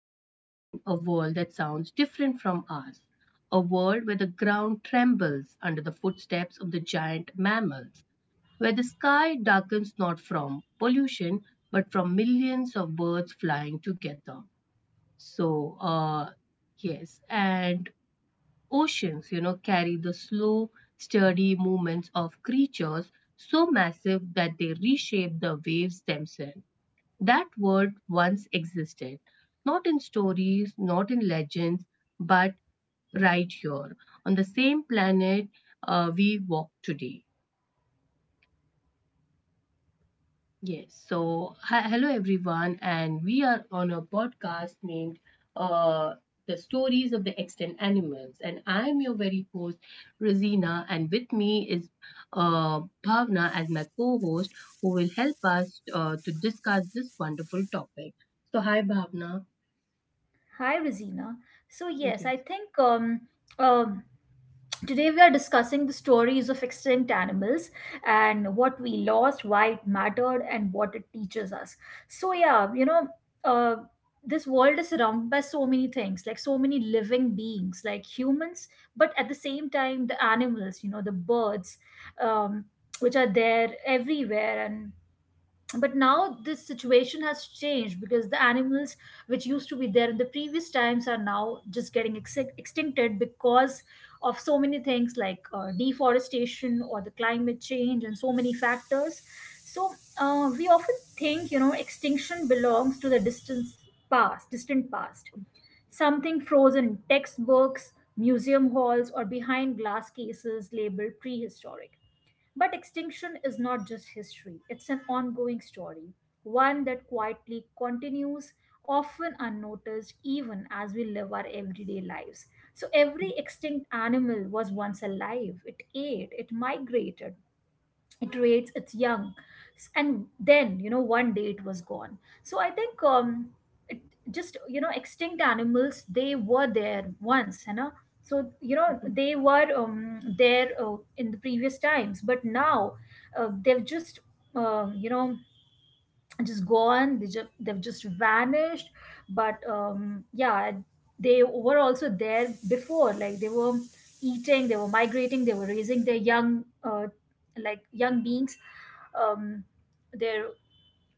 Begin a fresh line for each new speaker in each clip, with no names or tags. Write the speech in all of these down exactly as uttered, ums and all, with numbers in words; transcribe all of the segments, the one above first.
Imagine a world that sounds different from ours, a world where the ground trembles under the footsteps of the giant mammals, where the sky darkens not from pollution but from millions of birds flying together. So, uh, yes, and Oceans, you know, carry the slow, steady movements of creatures so massive that they reshape the waves themselves. That word once existed, not in stories, not in legends, but right here on the same planet uh, we walk today. Yes, so hi, hello everyone, and we are on a podcast named uh, The Stories of the Extant Animals. And I'm your very host, Rosina, and with me is uh, Bhavna as my co host who will help us uh, to discuss this wonderful topic. So, hi Bhavna.
Hi, Rosina. So, yes, I
Yes.
think um, um, today we are discussing the stories of extinct animals and what we lost, why it mattered, and what it teaches us. So, yeah, you know, uh, this world is surrounded by so many things, like so many living beings, like humans, but at the same time, the animals, you know, the birds, um, which are there everywhere and but now this situation has changed because the animals which used to be there in the previous times are now just getting ex- extincted because of so many things like uh, deforestation or the climate change and so many factors. So uh, we often think, you know, extinction belongs to the distant past, distant past something frozen in textbooks, museum halls, or behind glass cases labeled prehistoric. But extinction is not just history, it's an ongoing story, one that quietly continues, often unnoticed, even as we live our everyday lives. So every extinct animal was once alive. It ate, it migrated, it rates its young. S- and then, you know, one day it was gone. So I think, um it just, you know, extinct animals, they were there once, you know. So you know
Mhm.
they were, um, there uh, in the previous times, but now uh, they've just, um, you know, just gone. They just, they've just vanished. But um yeah, they were also there before. Like they were eating, they were migrating, they were raising their young, uh like young beings, um their,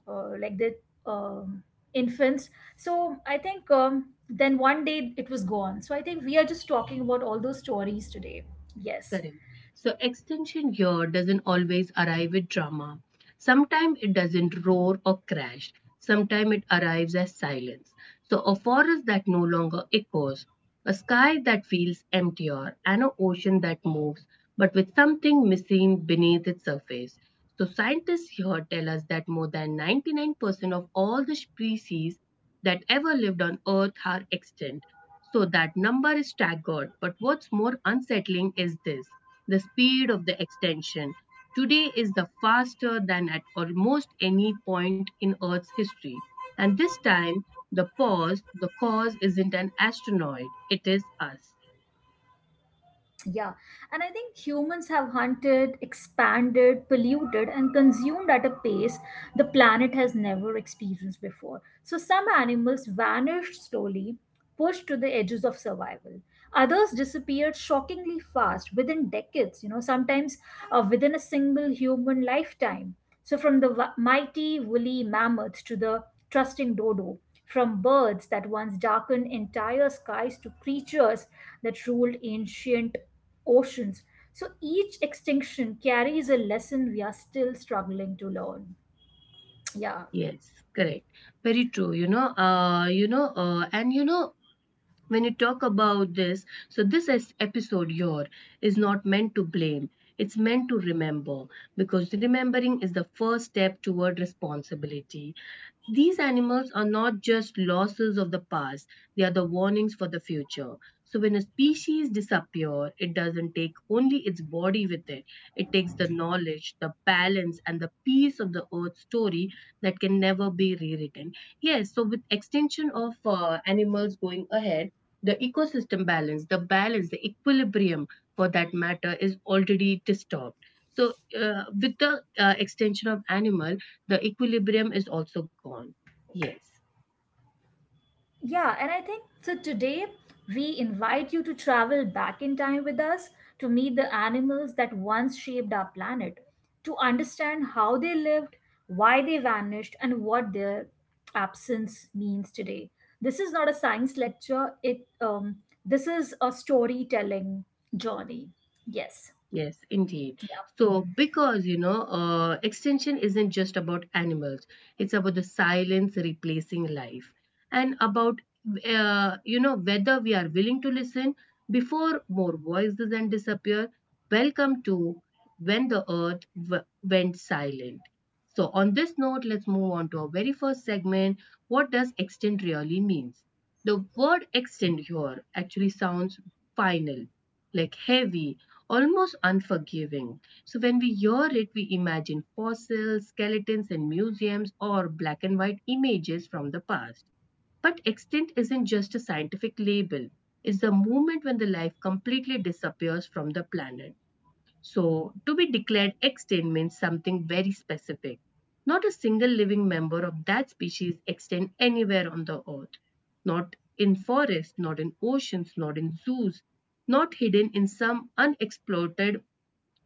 uh, like their um infants. So I think, um then one day it was gone. So I think we are just talking about all those stories today. Yes.
Correct. So extension here doesn't always arrive with drama. Sometimes it doesn't roar or crash. Sometimes it arrives as silence. So a forest that no longer echoes, a sky that feels emptier, and an ocean that moves but with something missing beneath its surface. So, scientists here tell us that more than ninety-nine percent of all the species that ever lived on Earth are extinct. So, that number is staggered. But what's more unsettling is this, the speed of the extinction. Today is the faster than at almost any point in Earth's history. And this time, the pause, the cause isn't an asteroid, it is us.
Yeah, and I think humans have hunted, expanded, polluted, and consumed at a pace the planet has never experienced before. So some animals vanished slowly, pushed to the edges of survival. Others disappeared shockingly fast, within decades, you know, sometimes uh, within a single human lifetime. So from the wa- mighty woolly mammoth to the trusting dodo, from birds that once darkened entire skies to creatures that ruled ancient oceans. So each extinction carries a lesson we are still struggling to learn. Yeah.
Yes, correct. Very true. You know, uh, you know, uh, and you know, When you talk about this, so this is episode your is not meant to blame. It's meant to remember because remembering is the first step toward responsibility. These animals are not just losses of the past, they are the warnings for the future. So when a species disappears, it doesn't take only its body with it. It takes the knowledge, the balance, and the piece of the earth story that can never be rewritten. Yes, so with extinction of uh, animals going ahead, the ecosystem balance, the balance, the equilibrium for that matter is already disturbed. So uh, with the uh, extinction of animal, the equilibrium is also gone. Yes.
Yeah, and I think so. Today, we invite you to travel back in time with us to meet the animals that once shaped our planet, to understand how they lived, why they vanished, and what their absence means today. This is not a science lecture. It um, this is a storytelling journey. Yes.
Yes, indeed.
Yeah.
So, because you know, uh, extinction isn't just about animals, it's about the silence replacing life and about, uh, you know, whether we are willing to listen before more voices and disappear. Welcome to When the Earth w- Went Silent. So, on this note, let's move on to our very first segment. What does extinct really means? The word extinct here actually sounds final, like heavy almost unforgiving. So when we hear it, we imagine fossils, skeletons in museums, or black and white images from the past. But extinct isn't just a scientific label, it's the moment when the life completely disappears from the planet. So, to be declared extinct means something very specific. Not a single living member of that species extinct anywhere on the earth. Not in forests, not in oceans, not in zoos, not hidden in some unexploited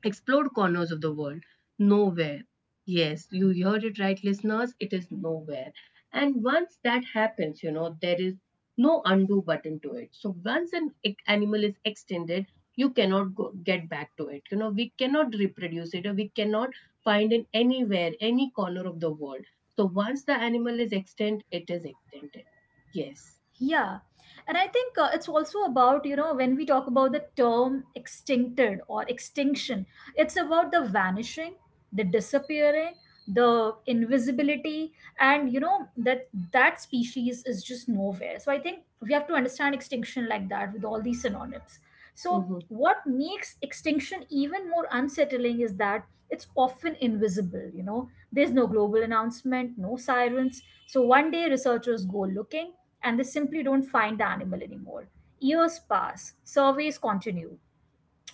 explored corners of the world. Nowhere. Yes, you heard it right, listeners. It is nowhere. And once that happens, you know, there is no undo button to it. So once an e- animal is extended, you cannot go, get back to it. You know, we cannot reproduce it or we cannot find it anywhere, any corner of the world. So once the animal is extinct, it is extended. Yes.
Yeah. And I think uh, it's also about, you know, when we talk about the term extincted or extinction, it's about the vanishing, the disappearing, the invisibility, and, you know, that that species is just nowhere. So I think we have to understand extinction like that with all these synonyms. So
Mm-hmm.
what makes extinction even more unsettling is that it's often invisible. You know, there's no global announcement, no sirens. So one day researchers go looking and they simply don't find the animal anymore. Years pass, surveys continue,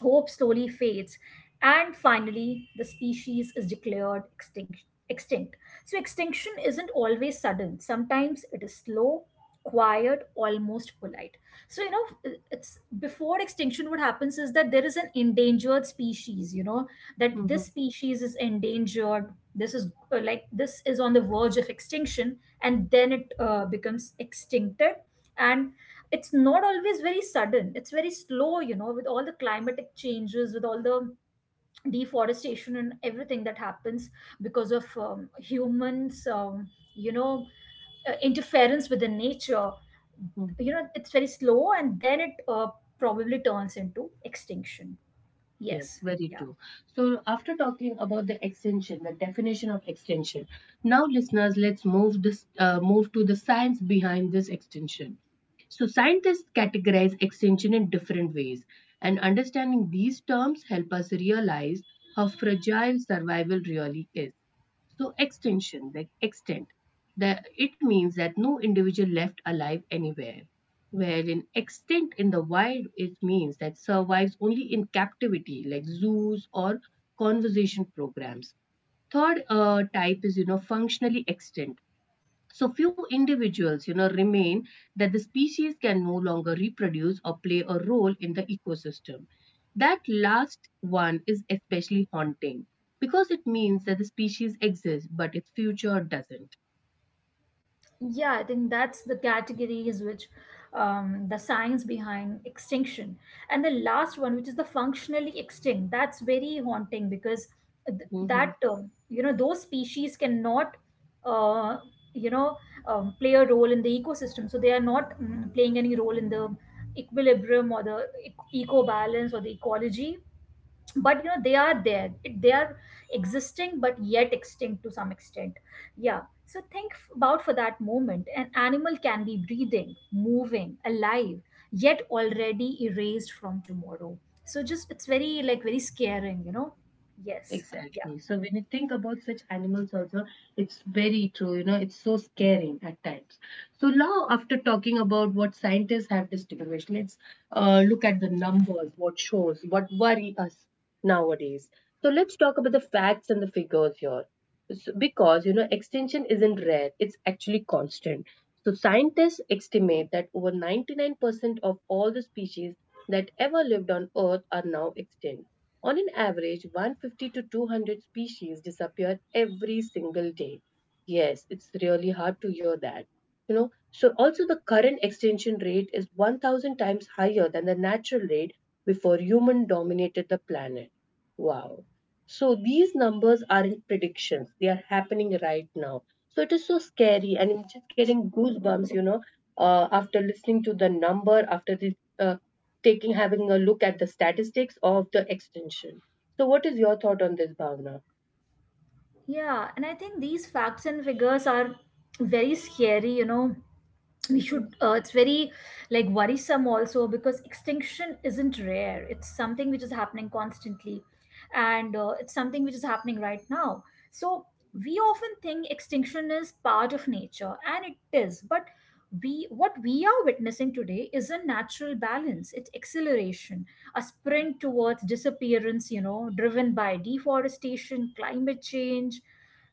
hope slowly fades, and finally the species is declared extinct. extinct so extinction isn't always sudden, sometimes it is slow, quiet, almost polite. So, you know, it's before extinction what happens is that there is an endangered species, you know, that
Mm-hmm.
this species is endangered. This is uh, like this is on the verge of extinction, and then it uh, becomes extincted. And it's not always very sudden, it's very slow, you know, with all the climatic changes, with all the deforestation and everything that happens because of um, humans, um, you know uh, interference with the nature.
Mm-hmm.
You know, it's very slow and then it uh, probably turns into extinction.
Yes,
Yes,
very
yeah.
true. So, after talking about the extension, the definition of extension, now listeners, let's move this uh, move to the science behind this extension. So, scientists categorize extension in different ways, and understanding these terms help us realize how fragile survival really is. So extension, like extent, that it means that no individual left alive anywhere. Wherein extent in the wild, it means that survives only in captivity, like zoos or conservation programs. Third uh, type is, you know, functionally extant, so few individuals, you know, remain that the species can no longer reproduce or play a role in the ecosystem. That last one is especially haunting because it means that the species exists but its future doesn't.
Yeah, I think that's the categories which, um, the science behind extinction. And the last one, which is the functionally extinct, that's very haunting because th- that, um, you know, those species cannot, uh, you know, um, play a role in the ecosystem. So they are not, mm, playing any role in the equilibrium or the eco balance or the ecology, but you know they are there. It- they are existing but yet extinct to some extent. Yeah. So think f- about for that moment, an animal can be breathing, moving, alive, yet already erased from tomorrow. So just it's very like very scaring, you know. Yes, yeah.
Exactly. So when you think about such animals also, it's very true. You know, it's so scaring at times. So now, after talking about what scientists have distinguished, let's uh, look at the numbers, what shows, what worry us nowadays. So let's talk about the facts and the figures here. So, because you know extinction isn't rare, it's actually constant. So scientists estimate that over ninety-nine percent of all the species that ever lived on earth are now extinct. On an average one hundred fifty to two hundred species disappear every single day. Yes, it's really hard to hear that, you know. So also the current extinction rate is one thousand times higher than the natural rate before human dominated the planet. Wow. So these numbers aren't predictions, they are happening right now. So it is so scary, and I'm just getting goosebumps, you know, uh, after listening to the number, after this, uh, taking having a look at the statistics of the extension. So, what is your thought on this, Bhavna?
Yeah, and I think these facts and figures are very scary, you know. We should, uh, it's very like worrisome also, because extinction isn't rare, it's something which is happening constantly, and uh, it's something which is happening right now. So we often think extinction is part of nature, and it is, but we what we are witnessing today is a natural balance, it's acceleration, a sprint towards disappearance, you know, driven by deforestation, climate change,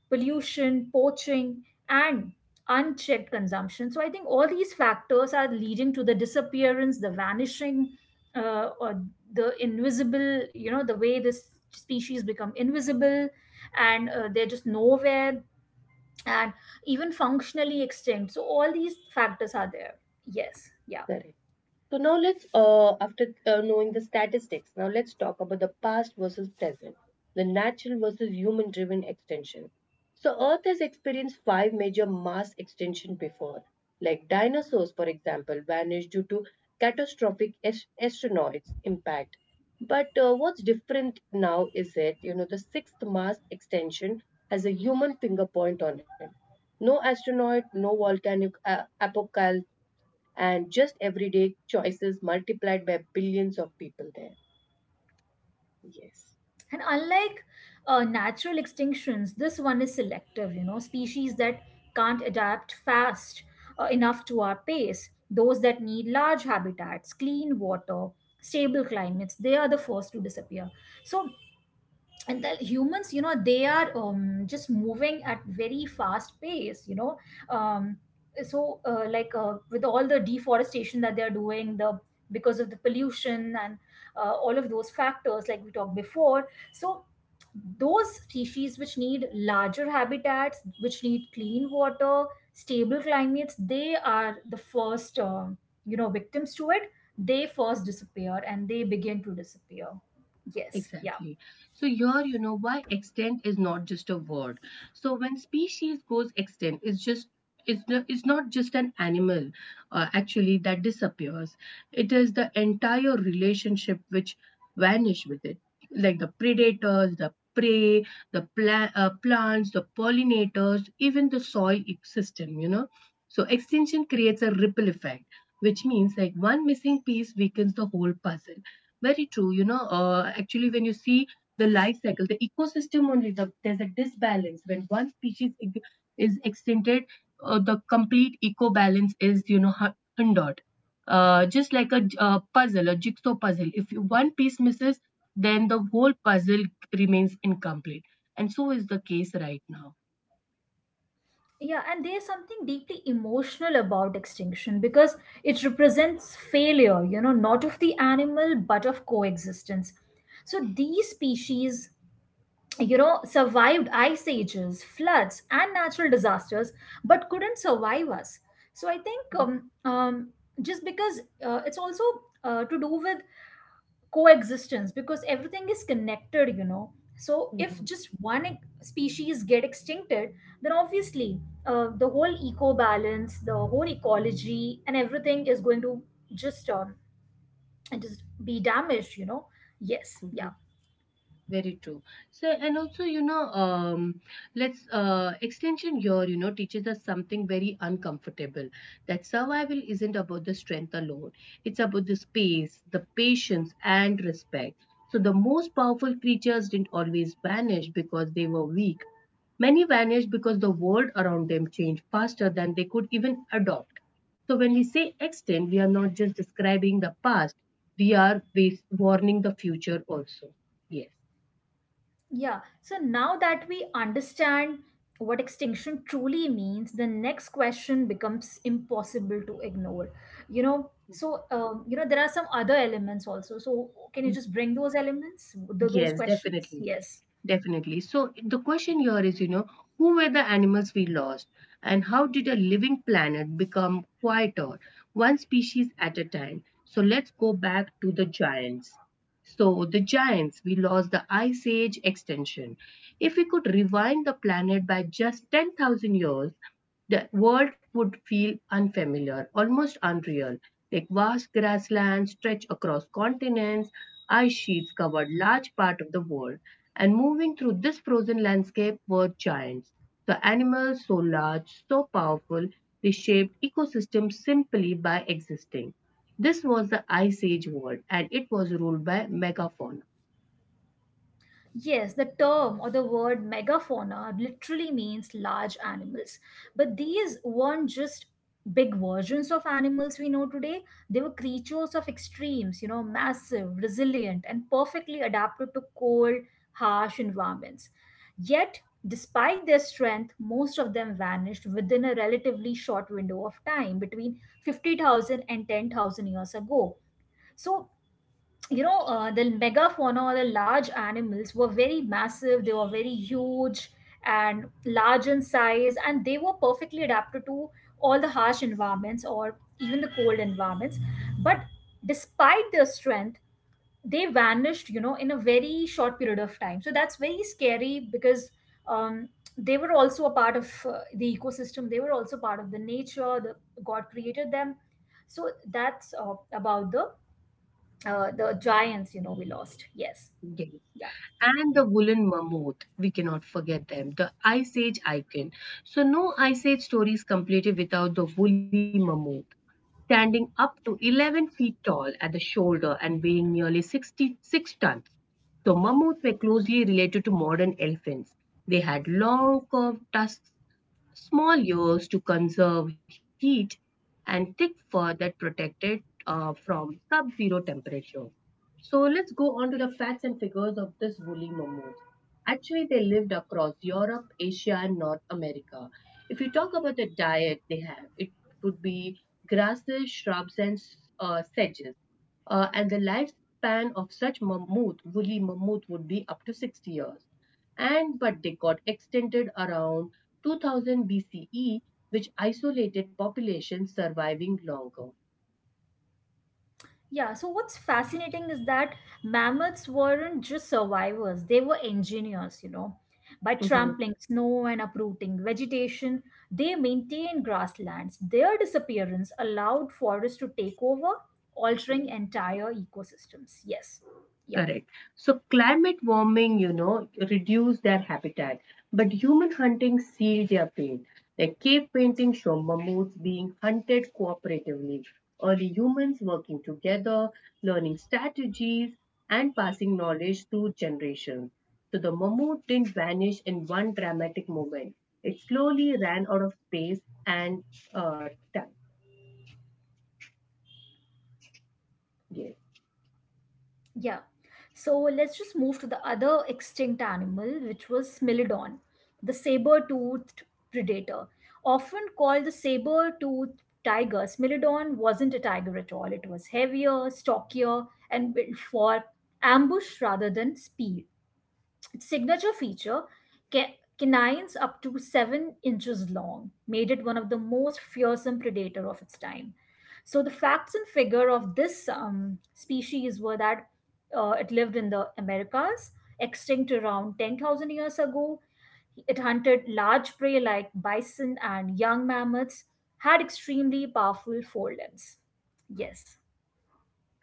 pollution, poaching, and unchecked consumption. So I think all these factors are leading to the disappearance, the vanishing, uh, or the invisible. You know, the way this species become invisible, and uh, they're just nowhere, and even functionally extinct. So all these factors are there. Yes, yeah.
Correct. So now let's, uh, after uh, knowing the statistics, now let's talk about the past versus present, the natural versus human driven extinction. So Earth has experienced five major mass extinction before, like dinosaurs, for example, vanished due to catastrophic as- asteroids impact. But uh, what's different now is that, you know, the sixth mass extinction has a human finger point on it. No astronaut, no volcanic uh, apocalypse and just everyday choices multiplied by billions of people there. Yes.
And unlike uh, natural extinctions, this one is selective, you know, species that can't adapt fast uh, enough to our pace, those that need large habitats, clean water, stable climates, they are the first to disappear. So, and the humans, you know, they are, um, just moving at very fast pace, you know. Um, so uh, like uh, with all the deforestation that they're doing, the because of the pollution and uh, all of those factors like we talked before. So those species which need larger habitats, which need clean water, stable climates, they are the first, um, you know, victims to it. They first disappear and they begin to disappear. Yes, yeah.
Exactly. So here, you know why extent is not just a word. So when species goes extinct, it's just it's, no- it's not just an animal uh, actually that disappears. It is the entire relationship which vanish with it, like the predators, the prey, the pla- uh, plants, the pollinators, even the soil system. You know, so extinction creates a ripple effect, which means like one missing piece weakens the whole puzzle. Very true. You know, uh, actually, when you see the life cycle, the ecosystem only, the, there's a disbalance. When one species ig- is extinted, uh, the complete eco balance is, you know, hu- hindered. Uh, just like a, j- a puzzle, a jigsaw puzzle. If you- one piece misses, then the whole puzzle remains incomplete. And so is the case right now.
Yeah, and there's something deeply emotional about extinction because it represents failure, you know, not of the animal but of coexistence. So these species, you know, survived ice ages, floods, and natural disasters, but couldn't survive us. So I think, um, um, just because uh, it's also uh, to do with coexistence, because everything is connected, you know. So if
Mhm.
just one ex- species get extincted, then obviously uh, the whole eco balance, the whole ecology and everything is going to just um, just be damaged, you know. Yes, yeah.
Mhm. Very true. So, and also, you know, um, let's uh, extension here, you know, teaches us something very uncomfortable, that survival isn't about the strength alone, it's about the space, the patience, and respect. So, the most powerful creatures didn't always vanish because they were weak. Many vanished because the world around them changed faster than they could even adopt. So, when we say extinct, we are not just describing the past, we are bas- warning the future also. Yes.
Yeah, so now that we understand what extinction truly means, the next question becomes impossible to ignore. You know, so um, you know, there are some other elements also. So can you just bring those elements, th- those
Yes,
questions?
definitely.
Yes.
Definitely. So the question here is, you know, who were the animals we lost and how did a living planet become quieter, one species at a time? So let's go back to the giants. So the giants, we lost the ice age extension. If we could rewind the planet by just ten thousand years, the world would feel unfamiliar, almost unreal. Like vast grasslands stretch across continents, ice sheets covered large part of the world and moving through this frozen landscape were giants. The animals so large, so powerful, they shaped ecosystems simply by existing. This was the Ice Age world and it was ruled by megafauna.
Yes, the term or the word megafauna literally means large animals. But these weren't just big versions of animals we know today, they were creatures of extremes, you know, massive, resilient, and perfectly adapted to cold, harsh environments. Yet, despite their strength, most of them vanished within a relatively short window of time between fifty thousand and ten thousand years ago. So, you know uh, the megafauna or the large animals were very massive, they were very huge and large in size, and they were perfectly adapted to all the harsh environments or even the cold environments. But despite their strength, they vanished, you know, in a very short period of time. So that's very scary, because um, they were also a part of uh, the ecosystem, they were also part of the nature, the god created them. So that's uh, about the uh, the giants, you know, we lost. Yes,
Yes.
yeah.
And the woolen mammoth, we cannot forget them, the Ice Age icon. So, no Ice Age story is completed without the woolly mammoth, standing up to eleven feet tall at the shoulder and weighing nearly sixty-six tons. So mammoths were closely related to modern elephants. They had long curved tusks, small ears to conserve heat, and thick fur that protect it uh, from sub zero temperature. So, let's go on to the facts and figures of this woolly mammoth. Actually, they lived across Europe, Asia, and North America. If you talk about the diet they have, it would be grasses, shrubs, and uh, sedges. Uh, and the lifespan of such mammoth, woolly mammoth, would be up to sixty years. And but they got extended around two thousand B C E, which isolated populations surviving longer.
Yeah, so what's fascinating is that mammoths weren't just survivors, they were engineers, you know. By
Mhm.
trampling snow and uprooting vegetation, they maintained grasslands. Their disappearance allowed forests to take over, altering entire ecosystems. Yes, yeah.
Correct. So climate warming, you know, reduced their habitat, but human hunting sealed their pain. Like cave paintings show mammoths being hunted cooperatively, early humans working together, learning strategies, and passing knowledge through generations. So the mammoth didn't vanish in one dramatic moment. It slowly ran out of space and uh, time. Yes.
Yeah. So let's just move to the other extinct animal, which was Smilodon, the saber toothed predator. Often called the saber toothed tiger, Smilodon wasn't a tiger at all. It was heavier, stockier, and built for ambush rather than speed. Signature feature, ca- canines up to seven inches long, made it one of the most fearsome predator of its time. So the facts and figure of this, um, species were that uh, it lived in the Americas, extinct around ten thousand years ago. It hunted large prey like bison and young mammoths, had extremely powerful forelimbs. Yes.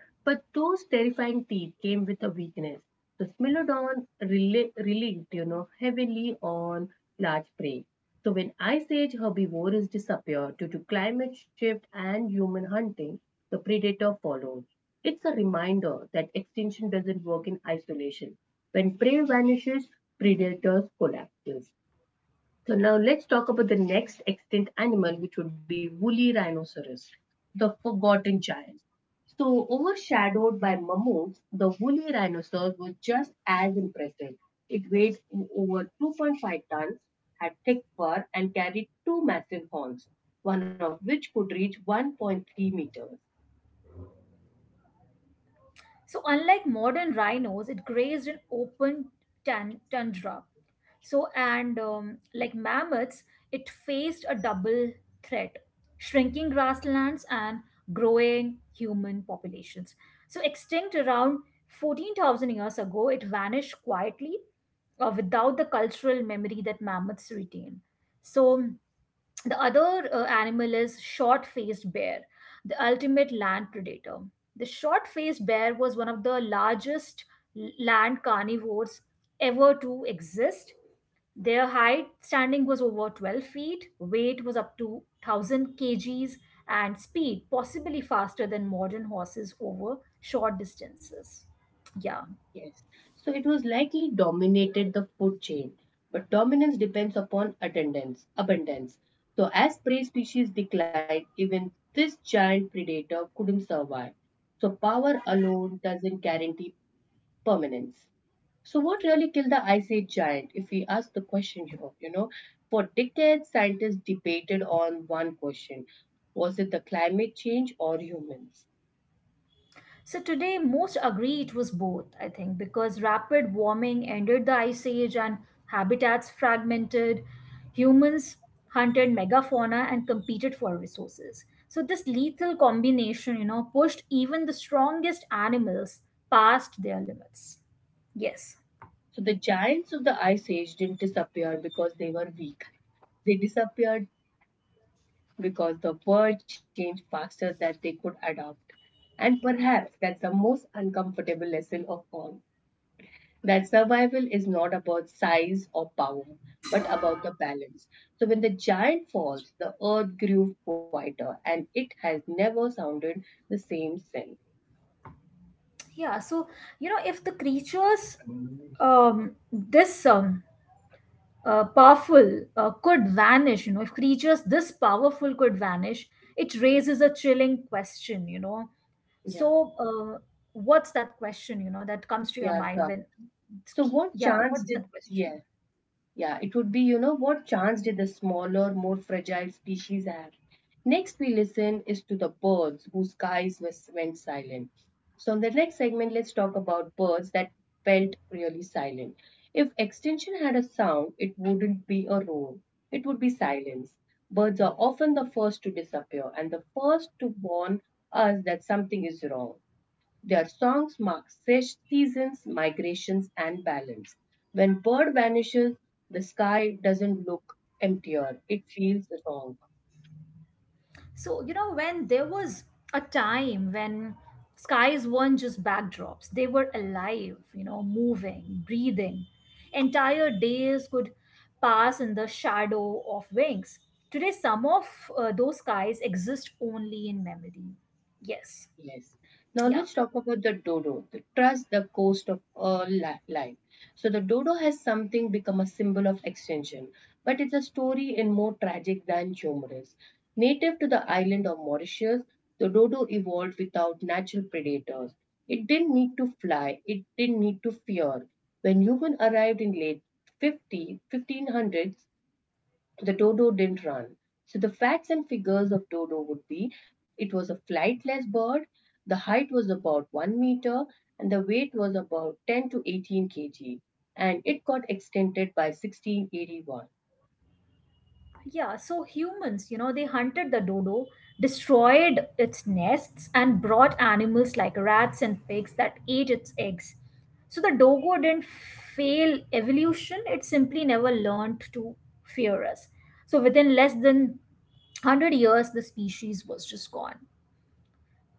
But those terrifying teeth came with a weakness. The Smilodon rela- relied, you know, heavily on large prey. So when ice age herbivores disappeared due to climate shift and human hunting, the predator followed. It's a reminder that extinction doesn't work in isolation. When prey vanishes, predators collapse. So now let's talk about the next extinct animal, which would be woolly rhinoceros, the forgotten giant. So overshadowed by mammoths, the woolly rhinoceros was just as impressive. It weighed over two point five tons, had thick fur, and carried two massive horns, one of which could reach one point three meters.
So, unlike modern rhinos, it grazed in open tan- tundra. So, and um, like mammoths, it faced a double threat, shrinking grasslands and growing human populations. So, extinct around fourteen thousand years ago, it vanished quietly uh, without the cultural memory that mammoths retain. So the other uh, animal is short faced bear, the ultimate land predator. The short faced bear was one of the largest l- land carnivores ever to exist. Their height standing was over twelve feet, weight was up to one thousand kgs, and speed possibly faster than modern horses over short distances. Yeah.
Yes. So it was likely dominated the food chain, but dominance depends upon attendance, abundance. So as prey species declined, even this giant predator couldn't survive. So power alone doesn't guarantee permanence. So what really killed the Ice Age giant, if we ask the question here, you know? For decades, scientists debated on one question. Was it the climate change or humans?
So today, most agree it was both, I think, because rapid warming ended the ice age and habitats fragmented. Humans hunted megafauna and competed for resources. So this lethal combination, you know, pushed even the strongest animals past their limits. Yes.
So the giants of the Ice Age didn't disappear because they were weak. They disappeared because the world changed faster than they could adapt. And perhaps that's the most uncomfortable lesson of all, that survival is not about size or power, but about the balance. So when the giant falls, the earth grew quieter and it has never sounded the same since.
Yeah. So, you know, if the creatures um, this um, uh, powerful uh, could vanish you know if creatures this powerful could vanish, it raises a chilling question. you know
Yeah.
so uh, what's that question you know that comes to your
Yeah,
mind
sir.
when
So what
yeah
chance
what's
did,
that question?
yeah. Yeah, it would be, you know, what chance did the smaller, more fragile species have? Next, we listen is to the birds whose skies was, went silent. So, in the next segment, let's talk about birds that felt really silent. If extinction had a sound, it wouldn't be a roar, it would be silence. Birds are often the first to disappear and the first to warn us that something is wrong. Their songs mark seasons, migrations, and balance. When bird vanishes, the sky doesn't look emptier, it feels wrong.
So, you know, when there was a time when skies weren't just backdrops, they were alive, you know, moving, breathing. Entire days could pass in the shadow of wings. Today, some of uh, those skies exist only in memory. Yes.
Yes. Now
Yeah.
let's talk about the dodo. The trust, the cost of all li- life. So the dodo has something become a symbol of extinction, but it's a story in more tragic than humorous. Native to the island of Mauritius, the dodo evolved without natural predators. It didn't need to fly. It didn't need to fear. When humans arrived in late fifty fifteen hundreds. So the dodo didn't run. So the facts and figures of dodo would be it was a flightless bird, the height was about one meter, and the weight was about ten to eighteen kilograms, and it got extended by sixteen eighty-one.
Yeah, so humans, you know, they hunted the dodo, destroyed its nests, and brought animals like rats and pigs that ate its eggs. So the dogo didn't fail evolution, it simply never learned to fear us. So within less than a hundred years, the species was just gone.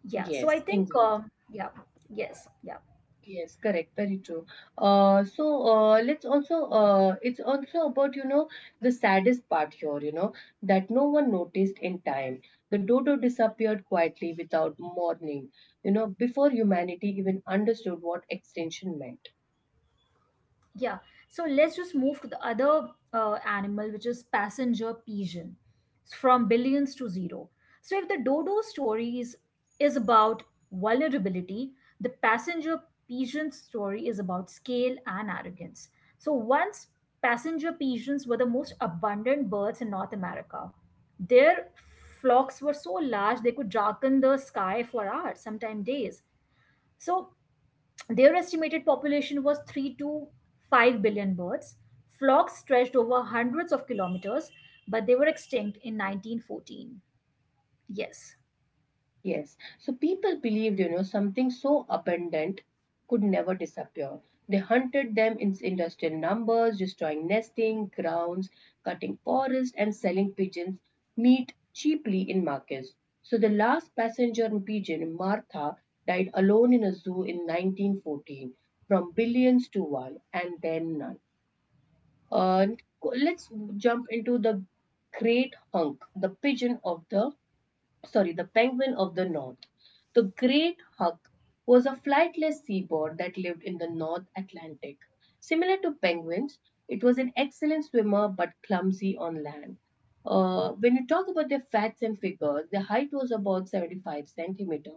Yeah, so I
Yes,
think,
indeed.
um, yeah, yes, yeah.
Yes, correct, very true. Uh, so uh, let's also, uh, it's also about you know the saddest part here, you know that no one noticed in time. The dodo disappeared quietly without warning, you know, before humanity even understood what extinction meant.
Yeah, so let's just move to the other uh, animal, which is passenger pigeon, from billions to zero. So if the dodo stories is about vulnerability, the passenger pigeon story is about scale and arrogance. So once passenger pigeons were the most abundant birds in North America. Their flocks were so large they could darken the sky for hours, sometimes days. So their estimated population was three to five billion birds. Flocks stretched over hundreds of kilometers, but they were extinct in nineteen fourteen. Yes.
Yes. So people believed, you know, something so abundant could never disappear. They hunted them in industrial numbers, destroying nesting grounds, cutting forests, and selling pigeons meat cheaply in markets. So the last passenger pigeon, Martha, died alone in a zoo in nineteen fourteen, from billions to one, and then none. And co- let's jump into the great hunk, the pigeon of the, sorry, the penguin of the north. The great hawk was a flightless seabird that lived in the North Atlantic. Similar to penguins, it was an excellent swimmer but clumsy on land. Uh, when you talk about their facts and figures, their height was about seventy-five centimeter,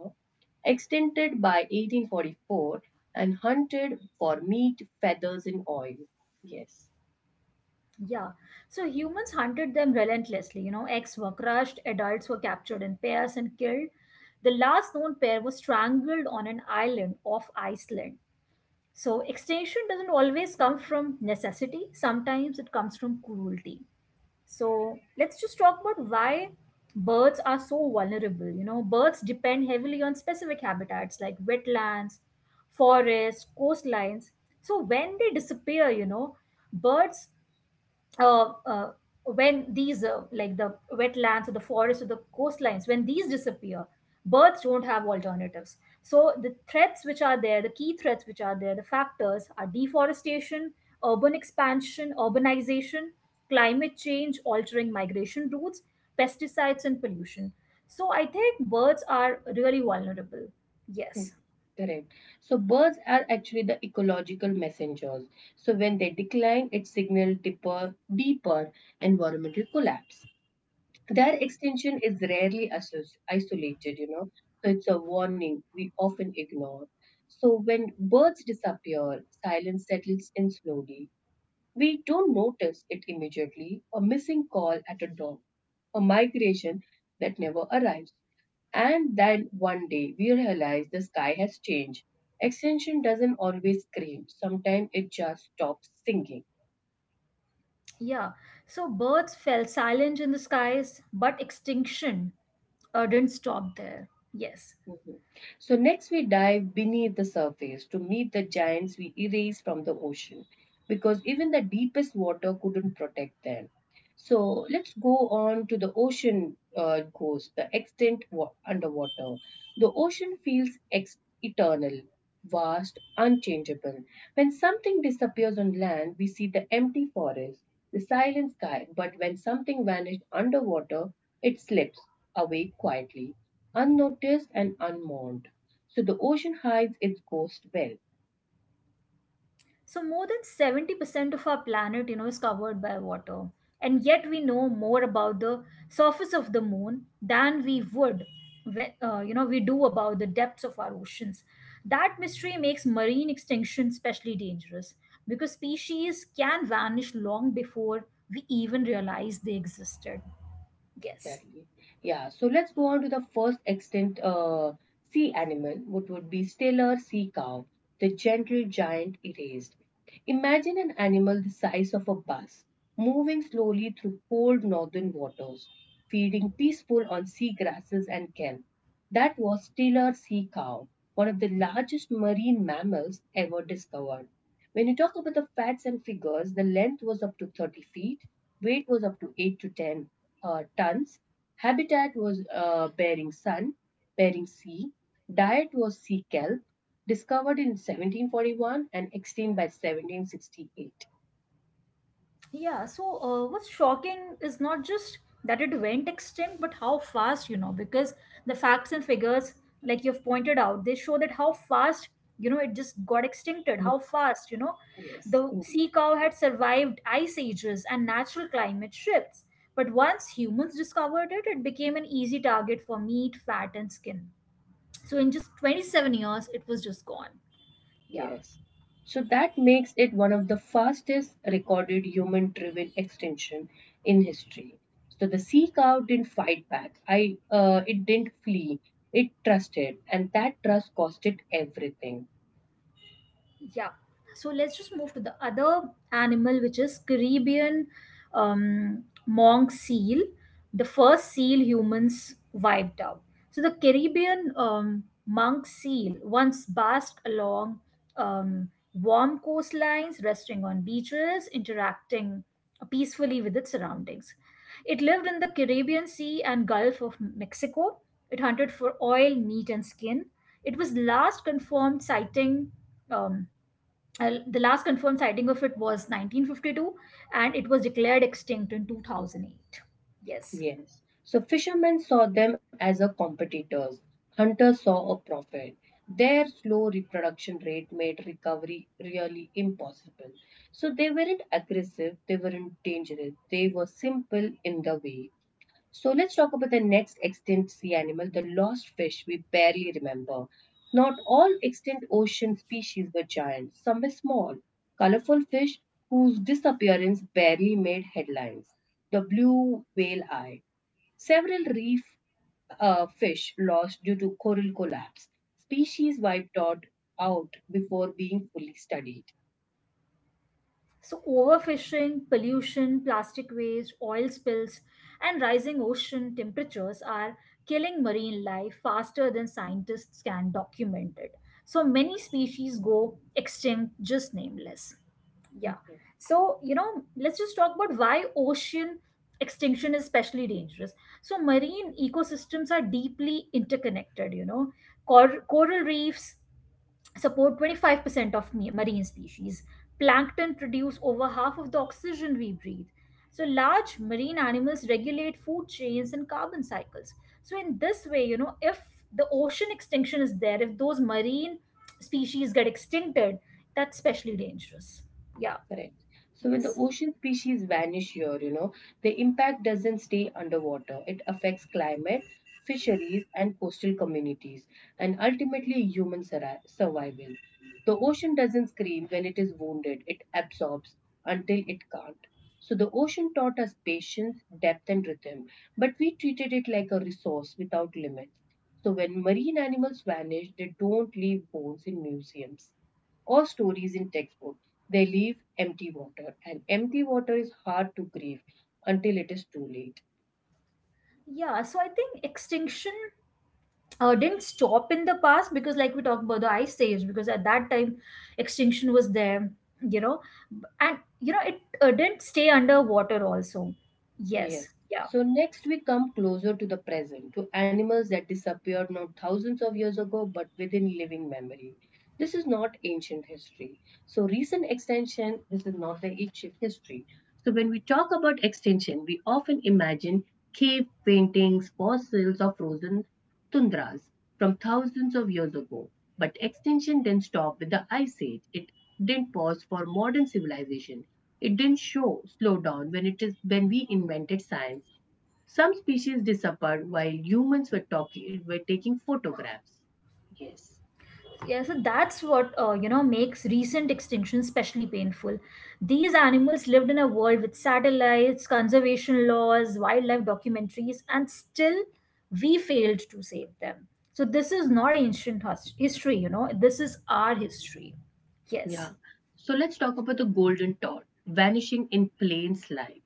extended by eighteen forty-four, and hunted for meat, feathers, and oil. Yes.
Yeah. So humans hunted them relentlessly. You know, eggs were crushed, adults were captured in pairs and killed. The last known pair was strangled on an island off Iceland. So extinction doesn't always come from necessity, sometimes it comes from cruelty. So let's just talk about why birds are so vulnerable. You know, birds depend heavily on specific habitats like wetlands, forests, coastlines. So when they disappear, you know, birds uh, uh, when these uh, like the wetlands or the forests or the coastlines, when these disappear, birds don't have alternatives. So the threats which are there, the key threats which are there the factors are deforestation, urban expansion, urbanization, climate change altering migration routes, pesticides, and pollution. So I think birds are really vulnerable.
Hmm.
Yes.
Correct. So birds are actually the ecological messengers. So when they decline, it signals deeper, deeper environmental collapse. Their extinction is rarely asso- isolated, you know, so it's a warning we often ignore. So when birds disappear, silence settles in slowly. We don't notice it immediately, a missing call at a door, a migration that never arrives. And then one day we realize the sky has changed. Extension doesn't always scream, sometimes it just stops singing.
Yeah, so birds fell silent in the skies, but extinction uh, didn't stop there. Yes.
Mhm. So, next we dive beneath the surface to meet the giants we erased from the ocean, because even the deepest water couldn't protect them. So, let's go on to the ocean uh, ghost, the extent wa- underwater. The ocean feels ex- eternal, vast, unchangeable. When something disappears on land, we see the empty forest, the silent sky, but when something vanished underwater, it slips away quietly, unnoticed and unmourned. So the ocean hides its ghost well.
So more than seventy percent of our planet, you know, is covered by water. And yet we know more about the surface of the moon than we would, when, uh, you know, we do about the depths of our oceans. That mystery makes marine extinction especially dangerous because species can vanish long before we even realize they existed. Yes.
Exactly. Yeah. So let's go on to the first extinct uh, sea animal, which would be stellar sea cow, the gentle giant erased. Imagine an animal the size of a bus moving slowly through cold northern waters, feeding peaceful on sea grasses and kelp. That was stellar sea cow, one of the largest marine mammals ever discovered. When you talk about the facts and figures, the length was up to thirty feet, weight was up to eight to ten uh, tons. Habitat was uh, Bering Sun, Bering Sea. Diet was sea kelp, discovered in seventeen forty-one and extinct by seventeen sixty-eight.
Yeah, so uh, what's shocking is not just that it went extinct, but how fast, you know, because the facts and figures, like you've pointed out, they show that how fast, you know, it just got extincted,
Mm,
how fast, you know,
yes,
the
indeed.
sea cow had survived ice ages and natural climate shifts. But once humans discovered it, it became an easy target for meat, fat, and skin. So in just twenty-seven years, it was just gone. Yeah.
Yes. So that makes it one of the fastest recorded human driven extinction in history. So the sea cow didn't fight back. I uh, it didn't flee. It trusted and that trust cost it everything.
Yeah. So let's just move to the other animal, which is Caribbean um, monk seal, the first seal humans wiped out. So the Caribbean um, monk seal once basked along um, warm coastlines, resting on beaches, interacting peacefully with its surroundings. It lived in the Caribbean Sea and Gulf of Mexico. It hunted for oil, meat, and skin. It was last confirmed sighting. Um, uh, the last confirmed sighting of it was nineteen fifty-two, and it was declared extinct in two thousand eight. Yes.
Yes. So fishermen saw them as a competitors. Hunters saw a profit. Their slow reproduction rate made recovery really impossible. So they weren't aggressive, they weren't dangerous, they were simple in the way. So let's talk about the next extinct sea animal, the lost fish we barely remember. Not all extinct ocean species were giants, some were small, colorful fish whose disappearance barely made headlines. The blue whale eye. Several reef uh, fish lost due to coral collapse. Species wiped out, out before being fully studied.
So overfishing, pollution, plastic waste, oil spills, and rising ocean temperatures are killing marine life faster than scientists can document it. So many species go extinct just nameless. Yeah. So, you know, let's just talk about why ocean extinction is especially dangerous. So, marine ecosystems are deeply interconnected, you know. Cor- coral reefs support twenty-five percent of ma- marine species. Plankton produce over half of the oxygen we breathe. So, large marine animals regulate food chains and carbon cycles. So, in this way, you know, if the ocean extinction is there, if those marine species get extincted, that's especially dangerous. Yeah.
Correct. So when the
Yes.
ocean species vanish here, you know, the impact doesn't stay underwater. It affects climate, fisheries, and coastal communities, and ultimately human surri- survival. The ocean doesn't scream when it is wounded, it absorbs until it can't. So the ocean taught us patience, depth, and rhythm, but we treated it like a resource without limits. So when marine animals vanish, they don't leave bones in museums or stories in textbooks. They leave empty water, and empty water is hard to grieve until it is too late.
Yeah, so I think extinction uh, didn't stop in the past because, like we talked about the ice age, because at that time extinction was there, you know, and you know it uh, didn't stay underwater also. Yes,
Yes.
yeah.
So, next we come closer to the present, to animals that disappeared not thousands of years ago but within living memory. This is not ancient history. So recent extension, this is not the ancient history. So when we talk about extinction, we often imagine cave paintings, fossils of frozen tundras from thousands of years ago. But extinction didn't stop with the ice age. It didn't pause for modern civilization. It didn't show slow down when it is when we invented science. Some species disappeared while humans were talking were taking photographs. Yes.
Yeah, so that's what uh, you know makes recent extinction especially painful. These animals lived in a world with satellites, conservation laws, wildlife documentaries, and still we failed to save them. So this is not ancient hus- history, you know. This is our history. Yes,
Yeah. So let's talk about the golden toad vanishing in plain sight.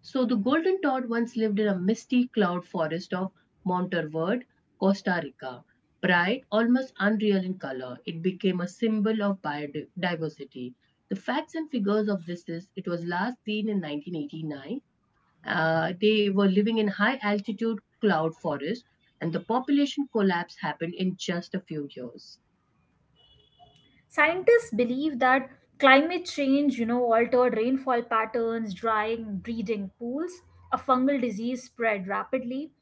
So the golden toad once lived in a misty cloud forest of Monteverde, Costa Rica. Bright, almost unreal in color, it became a symbol of biodiversity. The facts and figures of this is it was last seen in nineteen eighty-nine. Uh, they were living in high altitude cloud forest, and the population collapse happened in just a few years.
scientists believe that climate change, you know, altered rainfall patterns, drying breeding pools. A fungal disease spread rapidly.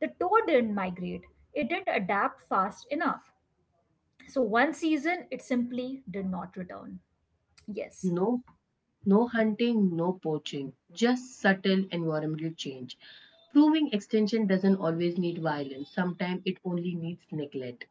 The toad didn't migrate, it didn't adapt fast enough. So, one season, it simply did not return. Yes.
No, no hunting, no poaching, just subtle environmental change. Proving extension doesn't always need violence, sometimes it only needs neglect.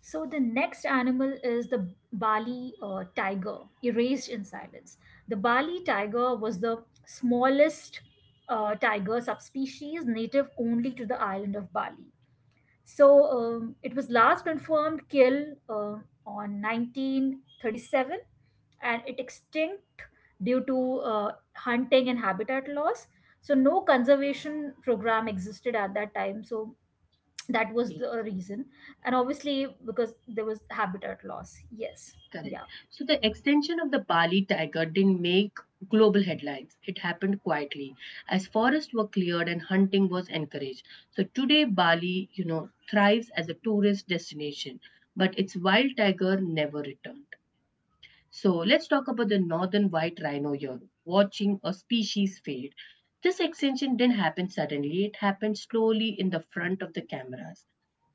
So, the next animal is the Bali uh, tiger, erased in silence. The Bali tiger was the smallest uh, tiger subspecies native only to the island of Bali. So um, it was last confirmed kill uh, on nineteen thirty-seven, and it extinct due to uh, hunting and habitat loss. So no conservation program existed at that time. So that was
Yes,
the reason, and obviously because there was habitat loss. Yes, yeah.
correct. So, the extension of the Bali tiger didn't make global headlines, it happened quietly as forests were cleared and hunting was encouraged. So, today, Bali, you know, thrives as a tourist destination, but its wild tiger never returned. So let's talk about the northern white rhino here, watching a species fade. This extinction didn't happen suddenly, it happened slowly in the front of the cameras.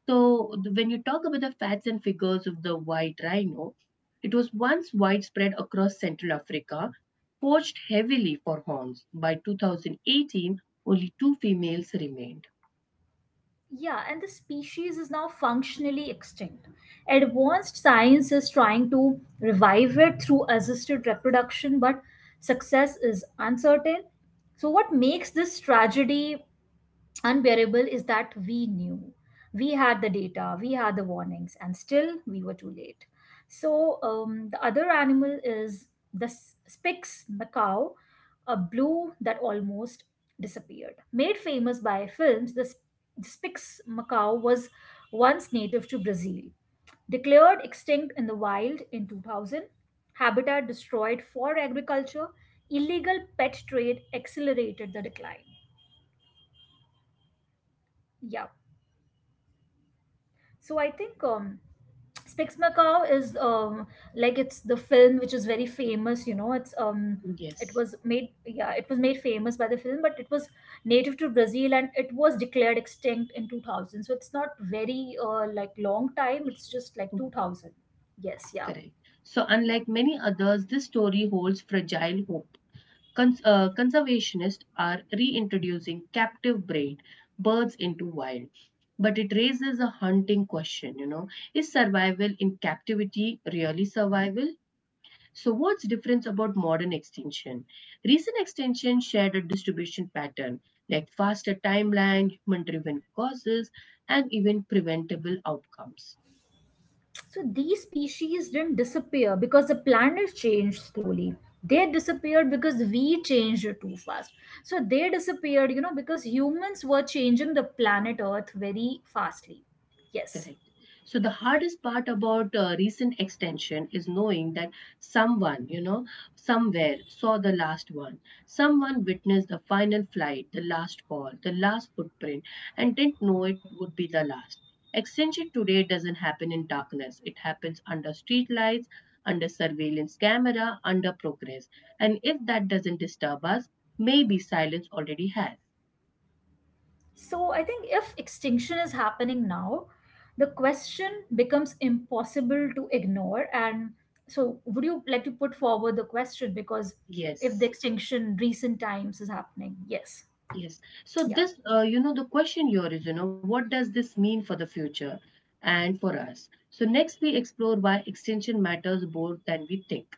So when you talk about the facts and figures of the white rhino, it was once widespread across Central Africa, poached heavily for horns. By two thousand eighteen, only two females remained.
Yeah, and the species is now functionally extinct. Advanced science is trying to revive it through assisted reproduction, but success is uncertain. So, what makes this tragedy unbearable is that we knew. We had the data, we had the warnings, and still we were too late. So, um, the other animal is the s- Spix macaw, a blue that almost disappeared. Made famous by films, the, sp- the Spix macaw was once native to Brazil. Declared extinct in the wild in two thousand, habitat destroyed for agriculture, illegal pet trade accelerated the decline. Yeah. So I think um, Spix Macaw is um, like it's the film which is very famous. You know, it's um, it
Yes.
was made yeah, it was made famous by the film, but it was native to Brazil and it was declared extinct in two thousand. So it's not very uh, like long time. It's just like
Mhm.
two thousand. Yes, yeah,
Correct. So
yeah.
unlike many others, this story holds fragile hope. Cons- uh, conservationists are reintroducing captive bred birds into wild, but it raises a haunting question, you know, is survival in captivity really survival? So what's difference about modern extinction? Recent extinction shared a distribution pattern like faster timeline, human-driven causes, and even preventable outcomes.
So these species didn't disappear because the planet changed slowly. They disappeared because we changed too fast. So they disappeared, you know, because humans were changing the planet Earth very fastly. Yes.
Correct. So the hardest part about uh, recent extension is knowing that someone, you know, somewhere saw the last one. Someone witnessed the final flight, the last call, the last footprint, and didn't know it would be the last. Extension today doesn't happen in darkness. It happens under streetlights, under surveillance camera, under progress. And if that doesn't disturb us, maybe silence already has.
So I think if extinction is happening now, the question becomes impossible to ignore. And so, would you like to put forward the question? Because if
Yes.
the extinction recent times is happening, yes.
Yes. So
Yeah.
this, uh, you know, the question here is, you know, what does this mean for the future and for us? So next we explore why extension matters more than we think.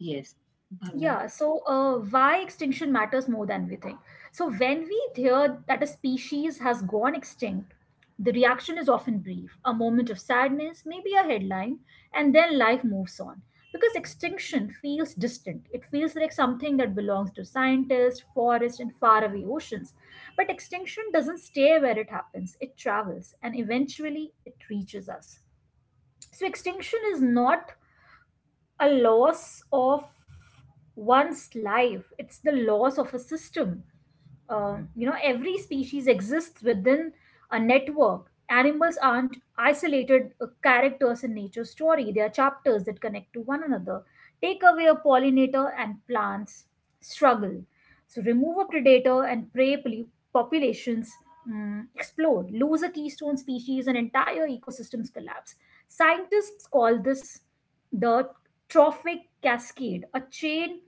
Yes, Bhavna.
Yeah, so uh, why extinction matters more than we think. So, when we hear that a species has gone extinct, the reaction is often brief, a moment of sadness, maybe a headline, and then life moves on. Because extinction feels distant, it feels like something that belongs to scientists, forests, and faraway oceans. But extinction doesn't stay where it happens, it travels, and eventually it reaches us. So, extinction is not a loss of one's life, it's the loss of a system. Um, you know, every species exists within a network. Animals aren't isolated uh, characters in nature's story, they are chapters that connect to one another. Take away a pollinator and plants struggle. So remove a predator and prey pol- populations mm, explode. Lose a keystone species and entire ecosystems collapse. Scientists call this the trophic cascade, a chain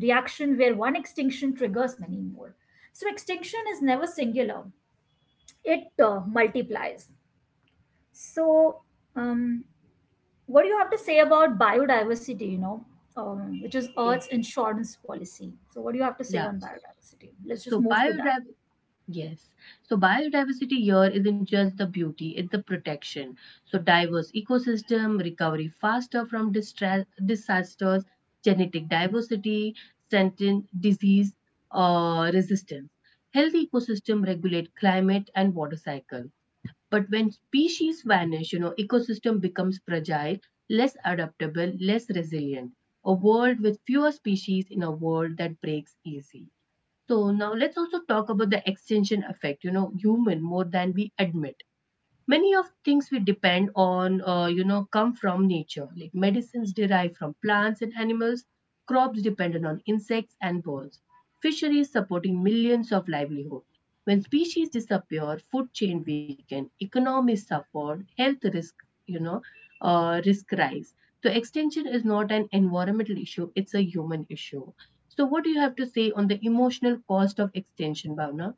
reaction where one extinction triggers many more. So, extinction is never singular, it uh, multiplies. So, um, what do you have to say about biodiversity, you know, um, which is
Okay.
Earth's insurance policy? So, what do you have to say
Yeah.
on biodiversity? Let's
So
just move to that.
biodiversity. Yes. So biodiversity here isn't just the beauty, it's the protection. So diverse ecosystem, recovery faster from distra- disasters, genetic diversity, sentient disease uh, resistance. Healthy ecosystem regulate climate and water cycle. But when species vanish, you know, ecosystem becomes fragile, less adaptable, less resilient. A world with fewer species in a world that breaks easy. So now let's also talk about the extension effect, you know, human more than we admit. Many of things we depend on uh, you know come from nature, like medicines derived from plants and animals, crops dependent on insects and birds, fisheries supporting millions of livelihood. When species disappear, food chain weaken, economies suffer, health risk you know uh, risk rise. So extinction is not an environmental issue, it's a human issue. So what do you have to say on the emotional cost of extinction, Bhavna?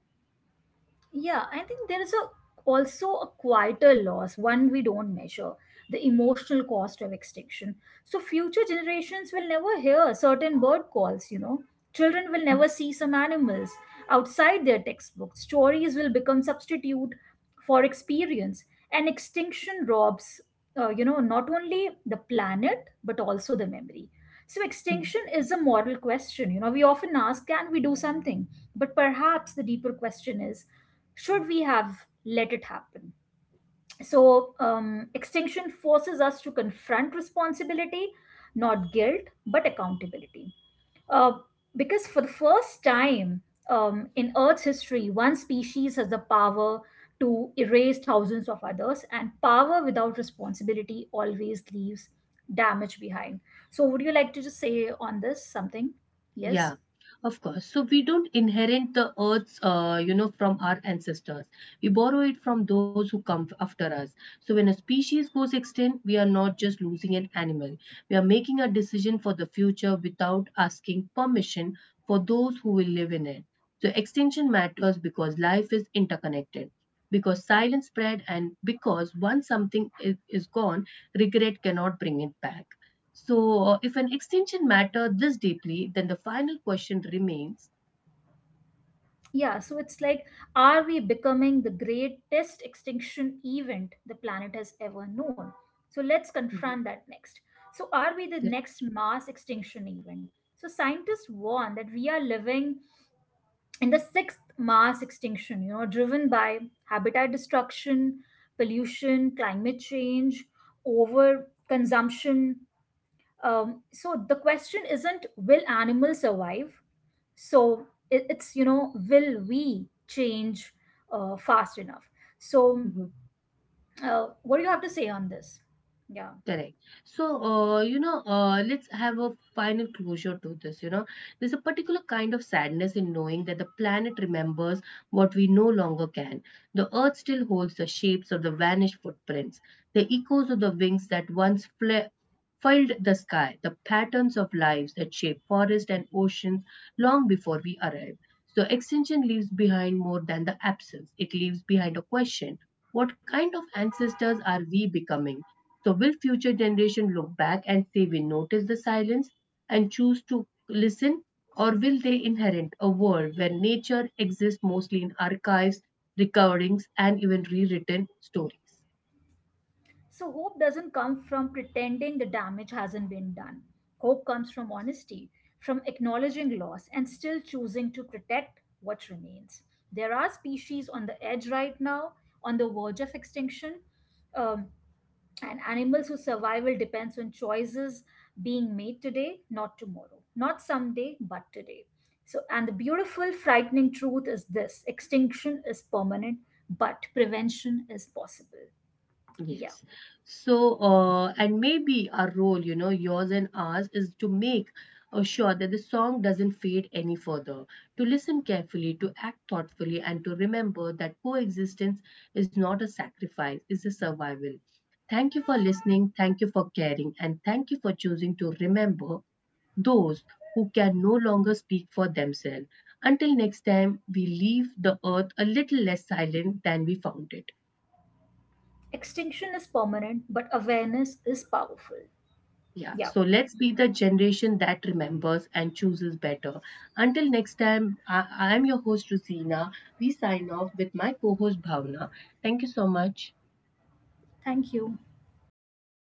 Yeah, I think there is a also a quieter loss, one we don't measure, the emotional cost of extinction. So future generations will never hear certain bird calls, you know. Children will never see some animals outside their textbooks. Stories will become substitute for experience. And extinction robs, uh, you know, not only the planet, but also the memory. So extinction is a moral question. You know, we often ask, can we do something? But perhaps the deeper question is, should we have let it happen? So, um, extinction forces us to confront responsibility, not guilt, but accountability. Uh, because for the first time um, in Earth's history, one species has the power to erase thousands of others, and power without responsibility always leaves damage behind. So, would you like to just say on this something? Yes.
Yeah, of course. So we don't inherit the earths, uh, you know, from our ancestors. We borrow it from those who come after us. So when a species goes extinct, we are not just losing an animal. We are making a decision for the future without asking permission for those who will live in it. So extinction matters because life is interconnected, because silence spread, and because once something is, is gone, regret cannot bring it back. So, uh, if an extension matter this deeply, then the final question remains.
Yeah, so it's like, are we becoming the greatest extinction event the planet has ever known? So let's
Mhm.
confront that next. So, are we the next mass extinction event? So, scientists warn that we are living in the sixth mass extinction, you know, driven by habitat destruction, pollution, climate change, over consumption. Um, so the question isn't will animals survive? So it, it's, you know, will we change uh, fast enough? So, uh, what do you have to say on this? Yeah.
Correct. So, uh, you know, uh, let's have a final closure to this. You know, there's a particular kind of sadness in knowing that the planet remembers what we no longer can. The earth still holds the shapes of the vanished footprints, the echoes of the wings that once fla- filled the sky, the patterns of lives that shape forests and oceans long before we arrive. So, extinction leaves behind more than the absence, it leaves behind a question: what kind of ancestors are we becoming? So, will future generation look back and say we noticed the silence and choose to listen, or will they inherit a world where nature exists mostly in archives, recordings, and even rewritten stories?
So, hope doesn't come from pretending the damage hasn't been done. Hope comes from honesty, from acknowledging loss and still choosing to protect what remains. There are species on the edge right now, on the verge of extinction. Um, and animals whose survival depends on choices being made today, not tomorrow, not someday, but today. So, and the beautiful, frightening truth is this extinction is permanent, but prevention is possible. Yeah,
Yes. So, uh, and maybe our role, you know, yours and ours, is to make uh, sure that the song doesn't fade any further, to listen carefully, to act thoughtfully, and to remember that coexistence is not a sacrifice, it's a survival. Thank you for listening, thank you for caring, and thank you for choosing to remember those who can no longer speak for themselves. Until next time, we leave the earth a little less silent than we found it.
extinction is permanent, but awareness is powerful.
Yeah,
Yeah,
so let's be the generation that remembers and chooses better. Until next time, I, I am your host, Rosina. We sign off with my co host, Bhavna. Thank you so much.
thank you.